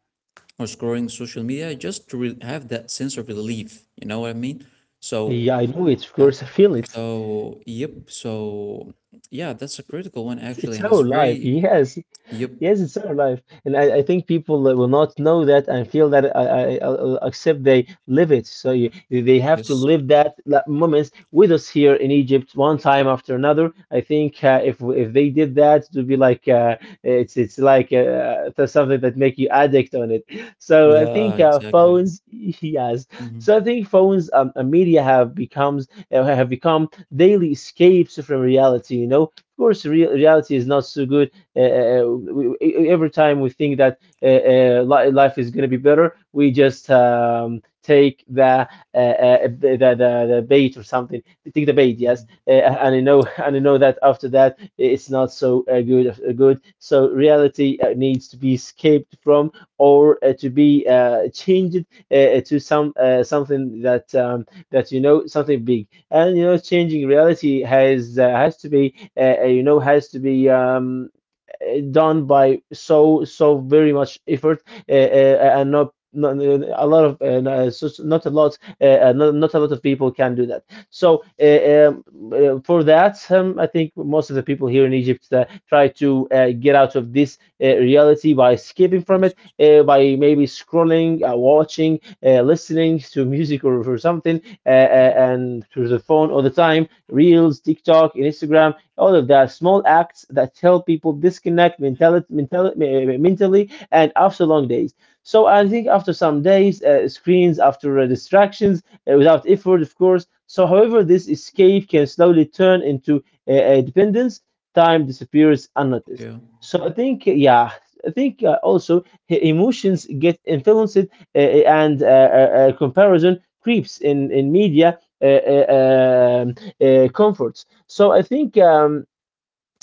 S2: or scrolling social media, just to have that sense of relief. You know what I mean? So
S1: Yeah, I know it. Of
S2: uh,
S1: course, I feel it.
S2: so yep. So yeah, that's a critical one actually,
S1: It's
S2: and it's
S1: our life.
S2: very.
S1: Yes,
S2: Yep.
S1: yes, it's our life, and I think people that will not know that and feel that I except they live it. So you, they have to
S2: Yes.
S1: live that moments with us here in Egypt, one time after another. I think if they did that, it would be like it's like that's something that make you addict on it. So I
S2: Yeah,
S1: think
S2: exactly.
S1: phones, yes. So I
S2: Mhm.
S1: think phones and media have become daily escapes from reality. You know, of course, real reality is not so good uh, uh, uh, we, every time we think that life is going to be better, we just take the, the bait or something. Take the bait,
S2: Mhm.
S1: yes, and I know and I know that after that it's not so good. Good. So reality needs to be escaped from, or to be changed to something that, that you know, something big. And you know, changing reality has to be, you know has to be. Done by so very much effort, and not, not a lot of no- so- so not a lot not, not a lot of people can do that. So, for that, I think most of the people here in Egypt try to get out of this reality by escaping from
S2: Yes.
S1: it, by maybe scrolling, watching, listening to music, or something, and through the phone all the time: reels, TikTok, Instagram. All of that, small acts that help people disconnect mentally, and after long days. So I think after some days, screens, after distractions, without effort, of course. So, however, this escape can slowly turn into dependence. Time disappears unnoticed.
S2: Yeah.
S1: So I think, yeah, I think, also, emotions get influenced, uh, and comparison creeps in media, comforts. So I think,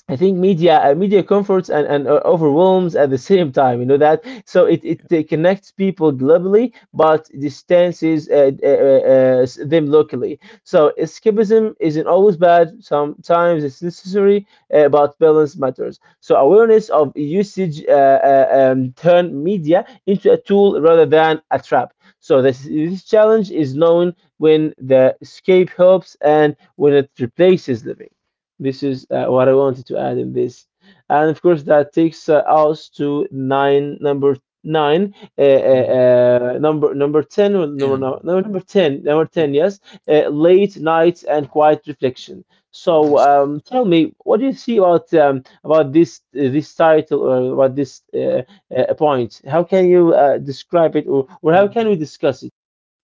S1: I think media comforts and overwhelms at the same time. You know that. So it connects people globally, but distances them locally. So escapism isn't always bad. Sometimes it's necessary, but balance matters. So awareness of usage turn media into a tool rather than a trap. So this challenge is known when the escape helps and when it replaces living. This is what I wanted to add in this. And of course, that takes us to nine, number nine,
S2: Mhm.
S1: number ten, or number, no,
S2: Then,
S1: no, number ten, number
S2: yep.
S1: ten, yes, late nights and quiet reflection. So,
S2: Yes.
S1: tell me, what do you see about, about this title, or about this point? How can you describe it, or how can we
S2: Mhm.
S1: discuss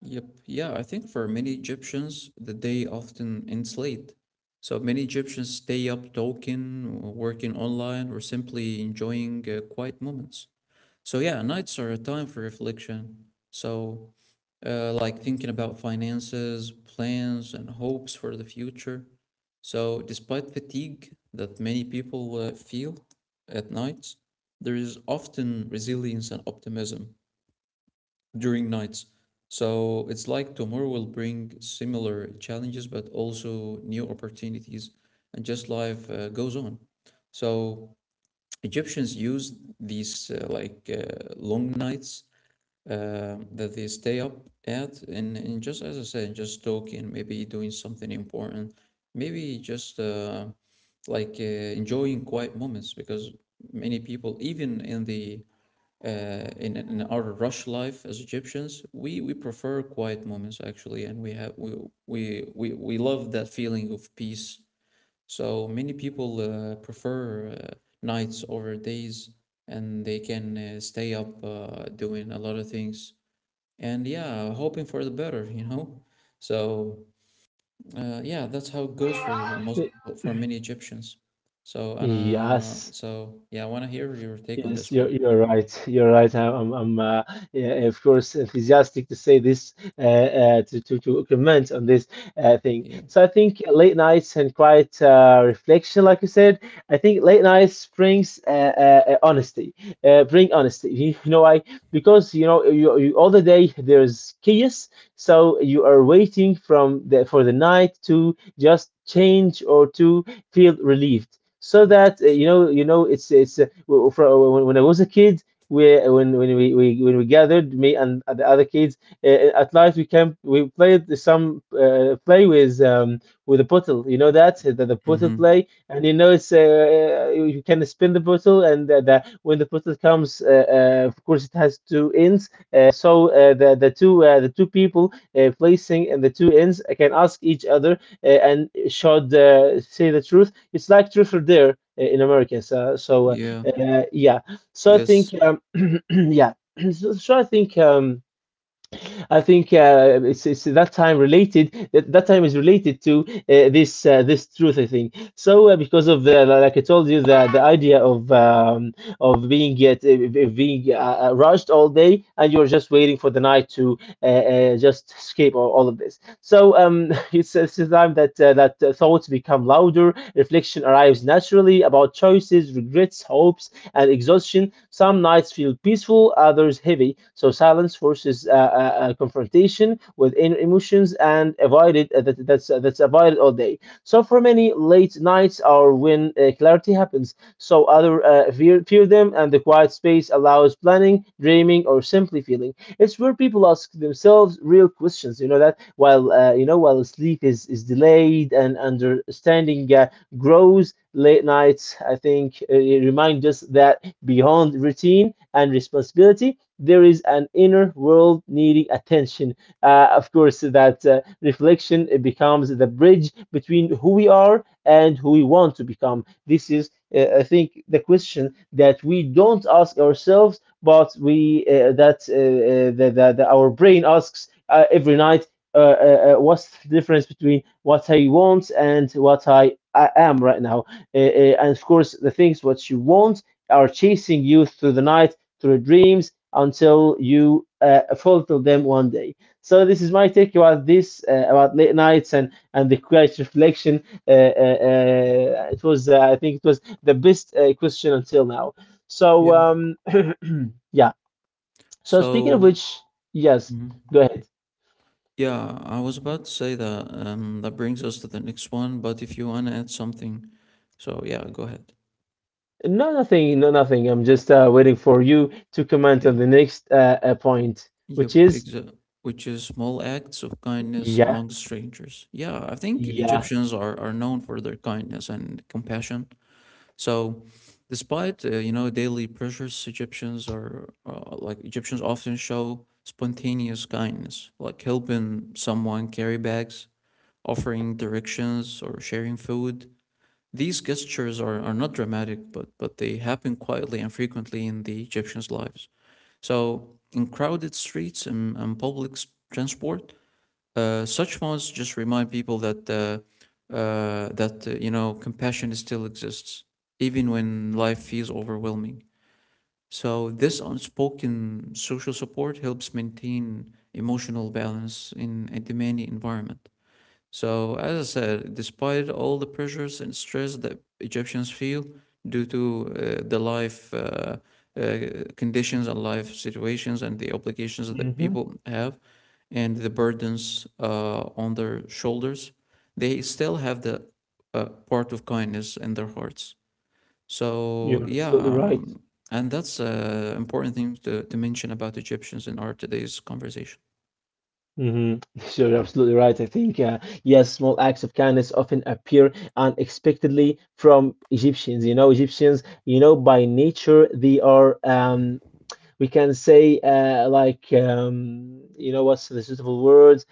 S2: Yep. Yeah, I think for many Egyptians, the day often ends late. So many Egyptians stay up talking, or working online, or simply enjoying quiet moments. So yeah, nights are a time for reflection. So like thinking about finances, plans, and hopes for the future. So, despite fatigue that many people feel at nights, there is often resilience and optimism during nights. So, it's like tomorrow will bring similar challenges, but also new opportunities, and just life goes on. So, Egyptians used these like long nights that they stay up at, and just as I said, just talking, maybe doing something important, maybe just like enjoying quiet moments, because many people, even in our rush life as Egyptians, we prefer quiet moments actually, and we have we love that feeling of peace. So many people prefer nights over days, and they can stay up doing a lot of things, and yeah, hoping for the better, you know. So yeah, that's how it goes for most
S1: it?
S2: for many Egyptians. So and uh,
S1: Yes.
S2: so yeah, I want to hear your take on this
S1: Yes, you're
S2: one.
S1: you're right. You're right. I'm, yeah, of course, enthusiastic to say this, to comment on this thing.
S2: Yeah.
S1: So I think late nights and quiet reflection, like you said. I think late nights brings honesty. Bring honesty. You know why? Because, you know, you all the day there's chaos, so you are waiting from the for the night to just change, or to feel relieved, so that,
S2: Yes.
S1: you know when I was a kid, we when we when we gathered, me and the other kids, at night, we came, we played some play with, with a bottle, you know, the bottle
S2: Mm-hmm.
S1: play. And you know, it's, you can spin the bottle, and when the bottle comes, of course, it has two ends, so the two people placing, and the two ends can ask each other, and should say the truth. It's like truth or dare, in America. So, so uh,
S2: Yeah.
S1: uh, yeah. So I
S2: Yes.
S1: think, yeah. So I think. I think it's that time related. That time is related to this, this truth. I think so, because of the, like I told you, the idea of, of being, rushed all day, and you're just waiting for the night to just escape all of this. So, it's the time that, thoughts become louder. Reflection arrives naturally about choices, regrets, hopes, and exhaustion. Some nights feel peaceful, others heavy. So silence forces confrontation with inner emotions, and that's avoided all day. So for many, late nights are when clarity happens. So other fear them, and the quiet space allows planning, dreaming, or simply feeling. It's where people ask themselves real questions. You know that, while while sleep is delayed and understanding grows late nights. I think it reminds us that beyond routine and responsibility, there is an inner world needing attention. Of course, that reflection, it becomes the bridge between who we are and who we want to become. This is, I think, the question that we don't ask ourselves, but we that that that- that our brain asks every night, what's the difference between what I want and what I am right now. And of course, the things what you want are chasing you through the night, through dreams, until you fulfill them one day. So this is my take about this, about late nights and the quiet reflection. I think, it was the best question until now. So,
S2: Yeah.
S1: yeah. So, speaking of
S2: So.
S1: which, yes,
S2: Mhm.
S1: go ahead.
S2: Yeah, I was about to say that brings us to the next one, but if you want to add something, so yeah, go ahead.
S1: No, nothing. No, nothing. I'm just waiting for you to comment on the next point,
S2: Yep,
S1: which is...
S2: which is small acts of kindness
S1: Yeah,
S2: among strangers. Yeah, I think
S1: yeah.
S2: Egyptians are known for their kindness and compassion. So, despite daily pressures, Egyptians are like Egyptians often show spontaneous kindness, like helping someone carry bags, offering directions, or sharing food. These gestures are not dramatic, but they happen quietly and frequently in the Egyptians' lives. So, in crowded streets and public transport, such fonts just remind people that compassion still exists, even when life feels overwhelming. So, this unspoken social support helps maintain emotional balance in a demanding environment. So, as I said, despite all the pressures and stress that Egyptians feel due to the life uh, conditions and life situations and the obligations that
S1: Hmm.
S2: people have and the burdens on their shoulders, they still have the part of kindness in their hearts.
S1: You're
S2: So,
S1: absolutely right.
S2: and that's an important thing to mention about Egyptians in our today's conversation.
S1: Hmm. You're absolutely right. I think, yes, small acts of kindness often appear unexpectedly from Egyptians. You know, Egyptians, you know, by nature they are, we can say like, you know, what's the suitable word?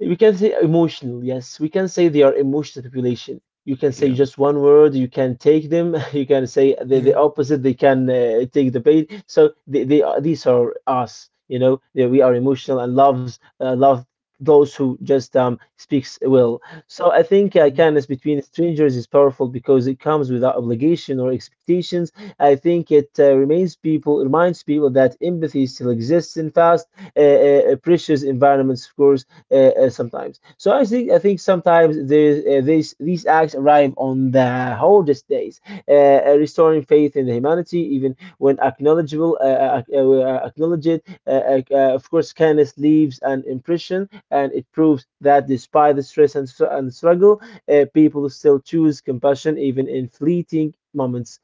S1: We can say emotional, yes, we can say they are emotional population. You can say
S2: Yeah.
S1: just one word, you can take them. You can say the,
S2: Yeah.
S1: opposite. They can take the bait. So they are, these are us. You know that we are emotional, and love those who just speaks well. So I think
S2: Mhm.
S1: kindness between strangers is powerful because it comes without obligation or expectations. I think it remains people reminds people that empathy still exists in fast, precious environments, of course, sometimes. So I think sometimes there, these acts arrive on the hardest days, uh, restoring faith in the humanity, even when acknowledgeable, acknowledged. Of course, kindness leaves an impression, and it proves that despite the stress and struggle, people still choose compassion even in fleeting moments.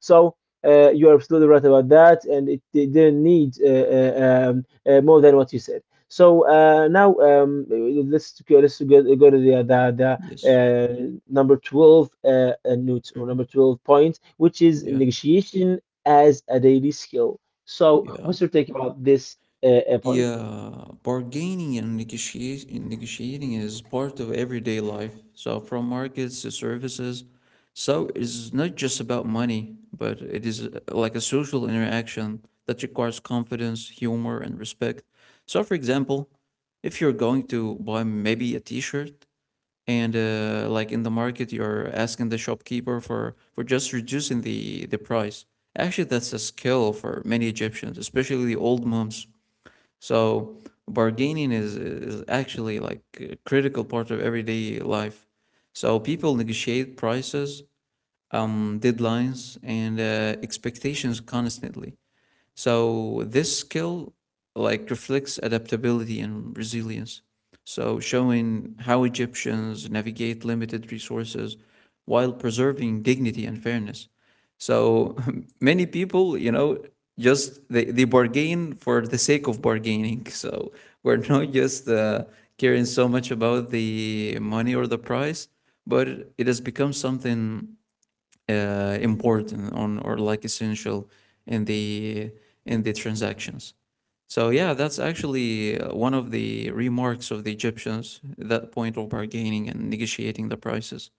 S1: So, you're absolutely right about that, and they didn't need, more than what you said. So, now, go to the the, the
S2: Yes.
S1: uh, number 12 note, or number
S2: Hmm.
S1: 12, which is
S2: Yeah.
S1: negotiation as a daily skill. So
S2: Yeah.
S1: what's your take about this point?
S2: Yeah, bargaining and negotiating is part of everyday life. So, from markets to services, so it's not just about money, but it is like a social interaction that requires confidence, humor, and respect. So, for example, if you're going to buy maybe a t-shirt and like in the market, you're asking the shopkeeper for just reducing the price. Actually, that's a skill for many Egyptians, especially the old moms. So bargaining is actually like a critical part of everyday life. So people negotiate prices, deadlines, and expectations constantly. So this skill like reflects adaptability and resilience, so showing how Egyptians navigate limited resources while preserving dignity and fairness. So many people, you know, just they bargain for the sake of bargaining. So we're not just caring so much about the money or the price, but it has become something important on, or like essential, in the in the transactions. So yeah, that's actually one of the remarks of the Egyptians, that point of bargaining and negotiating the prices.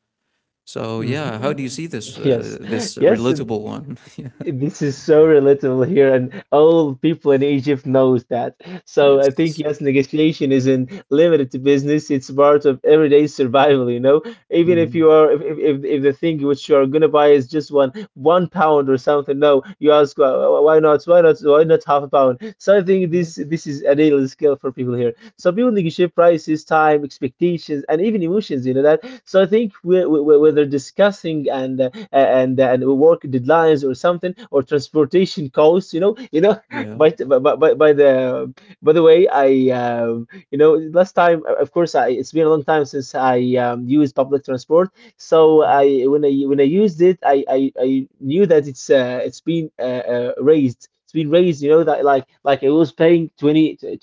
S2: So yeah, how do you
S1: Mhm.
S2: see
S1: Yes,
S2: this
S1: yes,
S2: relatable one? Yeah.
S1: this is so relatable here, and all people in Egypt knows that. So I think,
S2: Yes.
S1: yes, negotiation isn't limited to business; it's part of everyday survival. You know, even if you
S2: Mhm.
S1: are, if the thing which you are gonna buy is just one one pound or something, no, you ask, Why not? Why not half a pound?" So I think
S2: Yeah.
S1: this is a real skill for people here. So people negotiate prices, time, expectations, and even emotions. You know that. So I think, whether discussing and work deadlines or something, or transportation costs, you know,
S2: Yeah.
S1: by by by, by the by the way, I, you know, last time, of course, it's been a long time since I, used public transport. So,
S2: Mm.
S1: I when I when I used it, I knew that it's been raised. It's been raised, you know, that like I was paying 20 to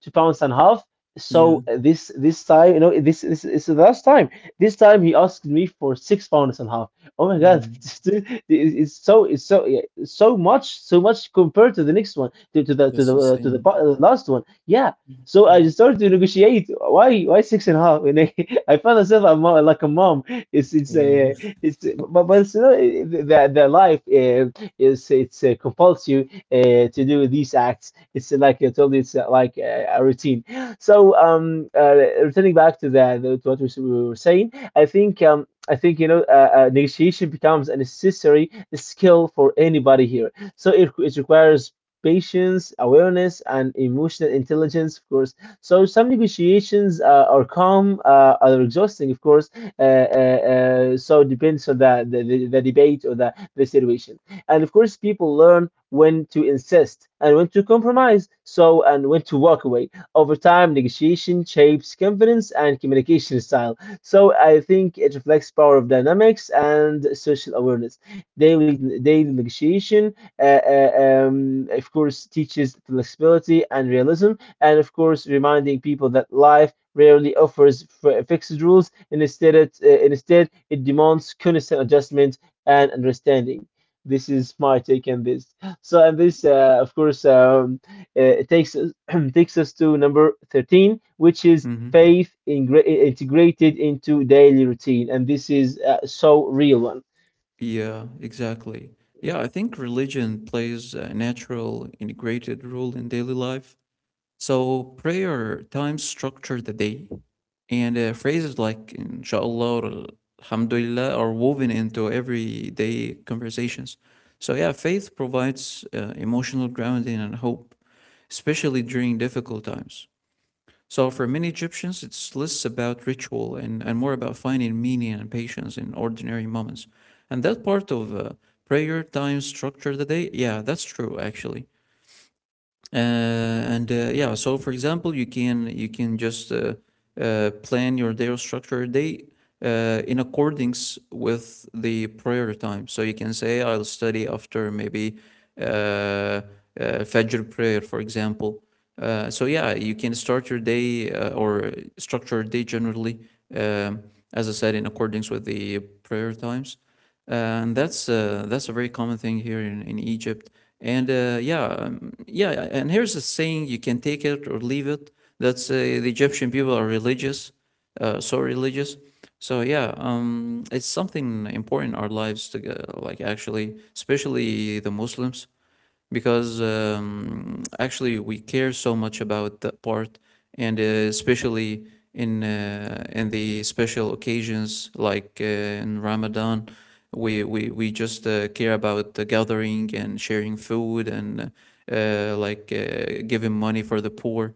S1: to pounds and half.
S2: Yeah.
S1: So, this time, you know, this is the last time. This time he asked me for 6 pounds and a half. Oh my God,
S2: Mm.
S1: it's so, yeah, so much compared to the next one, to the
S2: That's insane.
S1: last one. Yeah. So I
S2: Mm.
S1: just started to negotiate. Why six and a half? I found myself a mom, like a mom. It's
S2: Yeah.
S1: a it's But it's, you know, the life, is it's compels you to do these acts. It's like I told you, it's like a routine. So, returning back to the to what we were saying, I think, you know, negotiation becomes a necessary skill for anybody here. So it requires patience, awareness, and emotional intelligence, of course. So some negotiations are calm, are exhausting, of course. Uh, so it depends on the debate or the situation. And of course, people learn when to insist and when to compromise, and when to walk away. Over time, negotiation shapes confidence and communication style. So I think it reflects power of dynamics and social awareness. Daily daily negotiation, uh, uh, of course, teaches flexibility and realism, and of course, reminding people that life rarely offers fixed rules. Instead, it demands constant adjustment and understanding. This is my take on this. So, and
S2: Yeah.
S1: this, of course, it takes us takes us to number 13, which is
S2: Mm-hmm.
S1: faith integrated into daily routine, and this is so real one.
S2: Yeah, exactly. Yeah, I think religion plays a natural, integrated role in daily life. So prayer times structure the day, and phrases like inshallah or alhamdulillah are woven into everyday conversations. So yeah, faith provides emotional grounding and hope, especially during difficult times. So for many Egyptians, it's less about ritual and more about finding meaning and patience in ordinary moments. And that part of prayer time structure of the day, yeah, that's true actually. Uh, and Yeah, so for example, you can just plan your day or structure your day in accordance with the prayer time. So you can say, I'll study after maybe uh, uh, Fajr prayer, for example. So yeah, you can start your day or structure your day generally, um, as I said, in accordance with the prayer times, and that's a very common thing here in Egypt. And yeah, and here's a saying: you can take it or leave it. That's The Egyptian people are religious, so religious. So it's something important in our lives to like actually, especially the Muslims, because actually we care so much about that part, and especially in the special occasions like in Ramadan, we just care about the gathering and sharing food and giving money for the poor.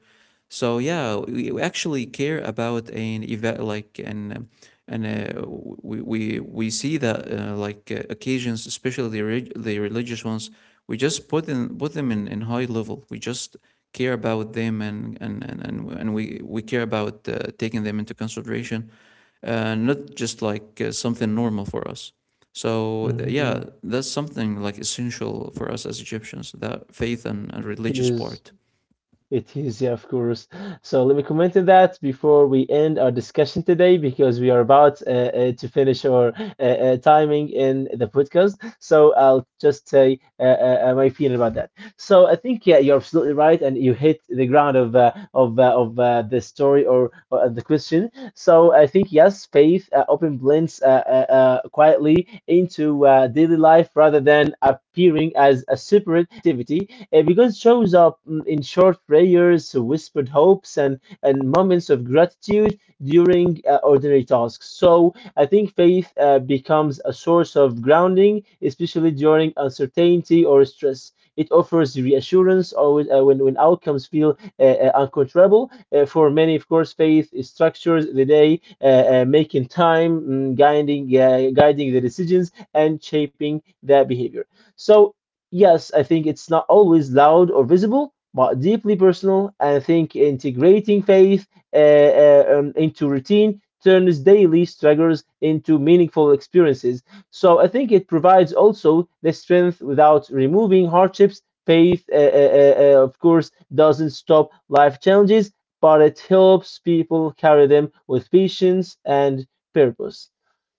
S2: So yeah, we actually care about an event like an and we see that occasions, especially the religious ones, we just put them in high level. We just care about them and we care about taking them into consideration, not just like something normal for us. So yeah,
S1: Mhm.
S2: that's something like essential for us as Egyptians, that faith and
S1: It
S2: religious
S1: is.
S2: part.
S1: It is, yeah, of course. So let me comment on that before we end our discussion today because we are about to finish our timing in the podcast. So I'll just say my feeling about that. So I think yeah, you're absolutely right, and you hit the ground of the story or the question. So I think yes, faith often blends quietly into daily life rather than appearing as a separate activity because it shows up in short prayers, whispered hopes, and moments of gratitude during ordinary tasks. So I think faith becomes a source of grounding, especially during uncertainty or stress. It offers reassurance always, when outcomes feel uncontrollable. For many, of course, faith structures the day, making time, guiding the decisions, and shaping their behavior. So yes, I think it's not always loud or visible, but deeply personal. And I think integrating faith into routine turns daily struggles into meaningful experiences. So I think it provides also the strength without removing hardships. Faith, of course, doesn't stop life challenges, but it helps people carry them with patience and purpose.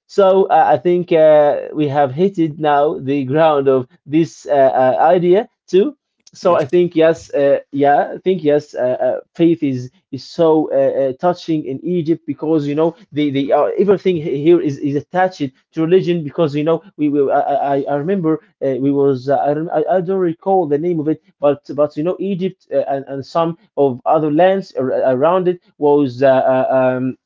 S1: So I think we have hit now the ground of this idea too. So
S2: Yes.
S1: I think yes, faith is so touching in Egypt because you know the everything here is attached to religion because you know we will I remember we was I don't recall the name of it but you know Egypt and some of other lands around it was uh, um,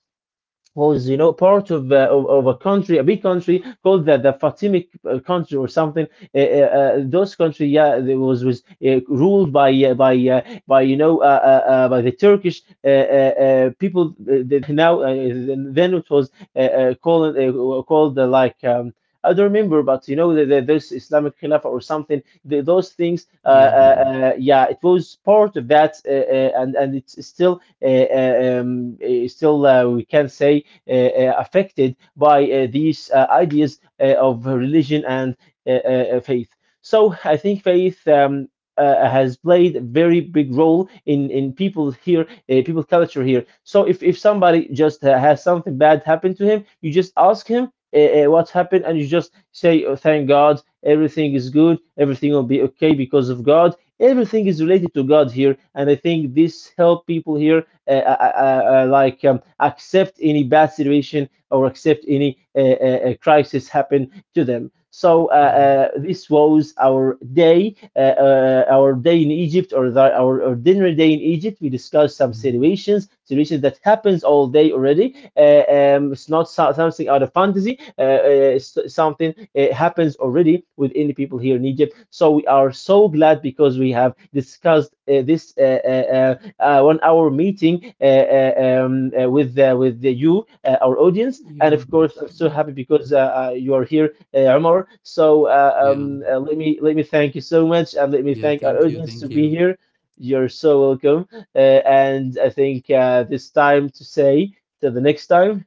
S1: you know part of of a country, a big country called the Fatimid country or something those country, yeah, it was ruled by you know by the Turkish people that now then it was called like I don't remember, but you know this Islamic Khilafah or something. Those things,
S2: Yeah,
S1: yeah, it was part of that, and it's still we can say affected by these ideas of religion and uh, faith. So I think faith has played a very big role in people here, people culture here. So if somebody just has something bad happen to him, you just ask him what happened, and you just say, oh, "Thank God, everything is good, everything will be okay because of God." Everything is related to God here, and I think this help people here like accept any bad situation or accept any crisis happen to them. So
S2: yeah.
S1: uh, uh, this was our day in Egypt, or our dinner day in Egypt. We discussed some
S2: Mhm.
S1: situations that happens all day already. It's not something out of fantasy. Something happens already with any people here in Egypt. So we are so glad because we have discussed this 1 hour meeting with our audience. And
S2: Yeah,
S1: of course, I'm so happy because you are here, Omar. So uh,
S2: yeah,
S1: um, uh, let me thank you so much, and let me
S2: yeah.
S1: thank our
S2: Thank you,
S1: audience
S2: thank
S1: to be
S2: you.
S1: here. You're so welcome. And I think this time to say till the next time.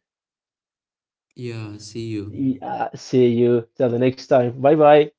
S2: Yeah, see you.
S1: See you till the next time. Bye bye.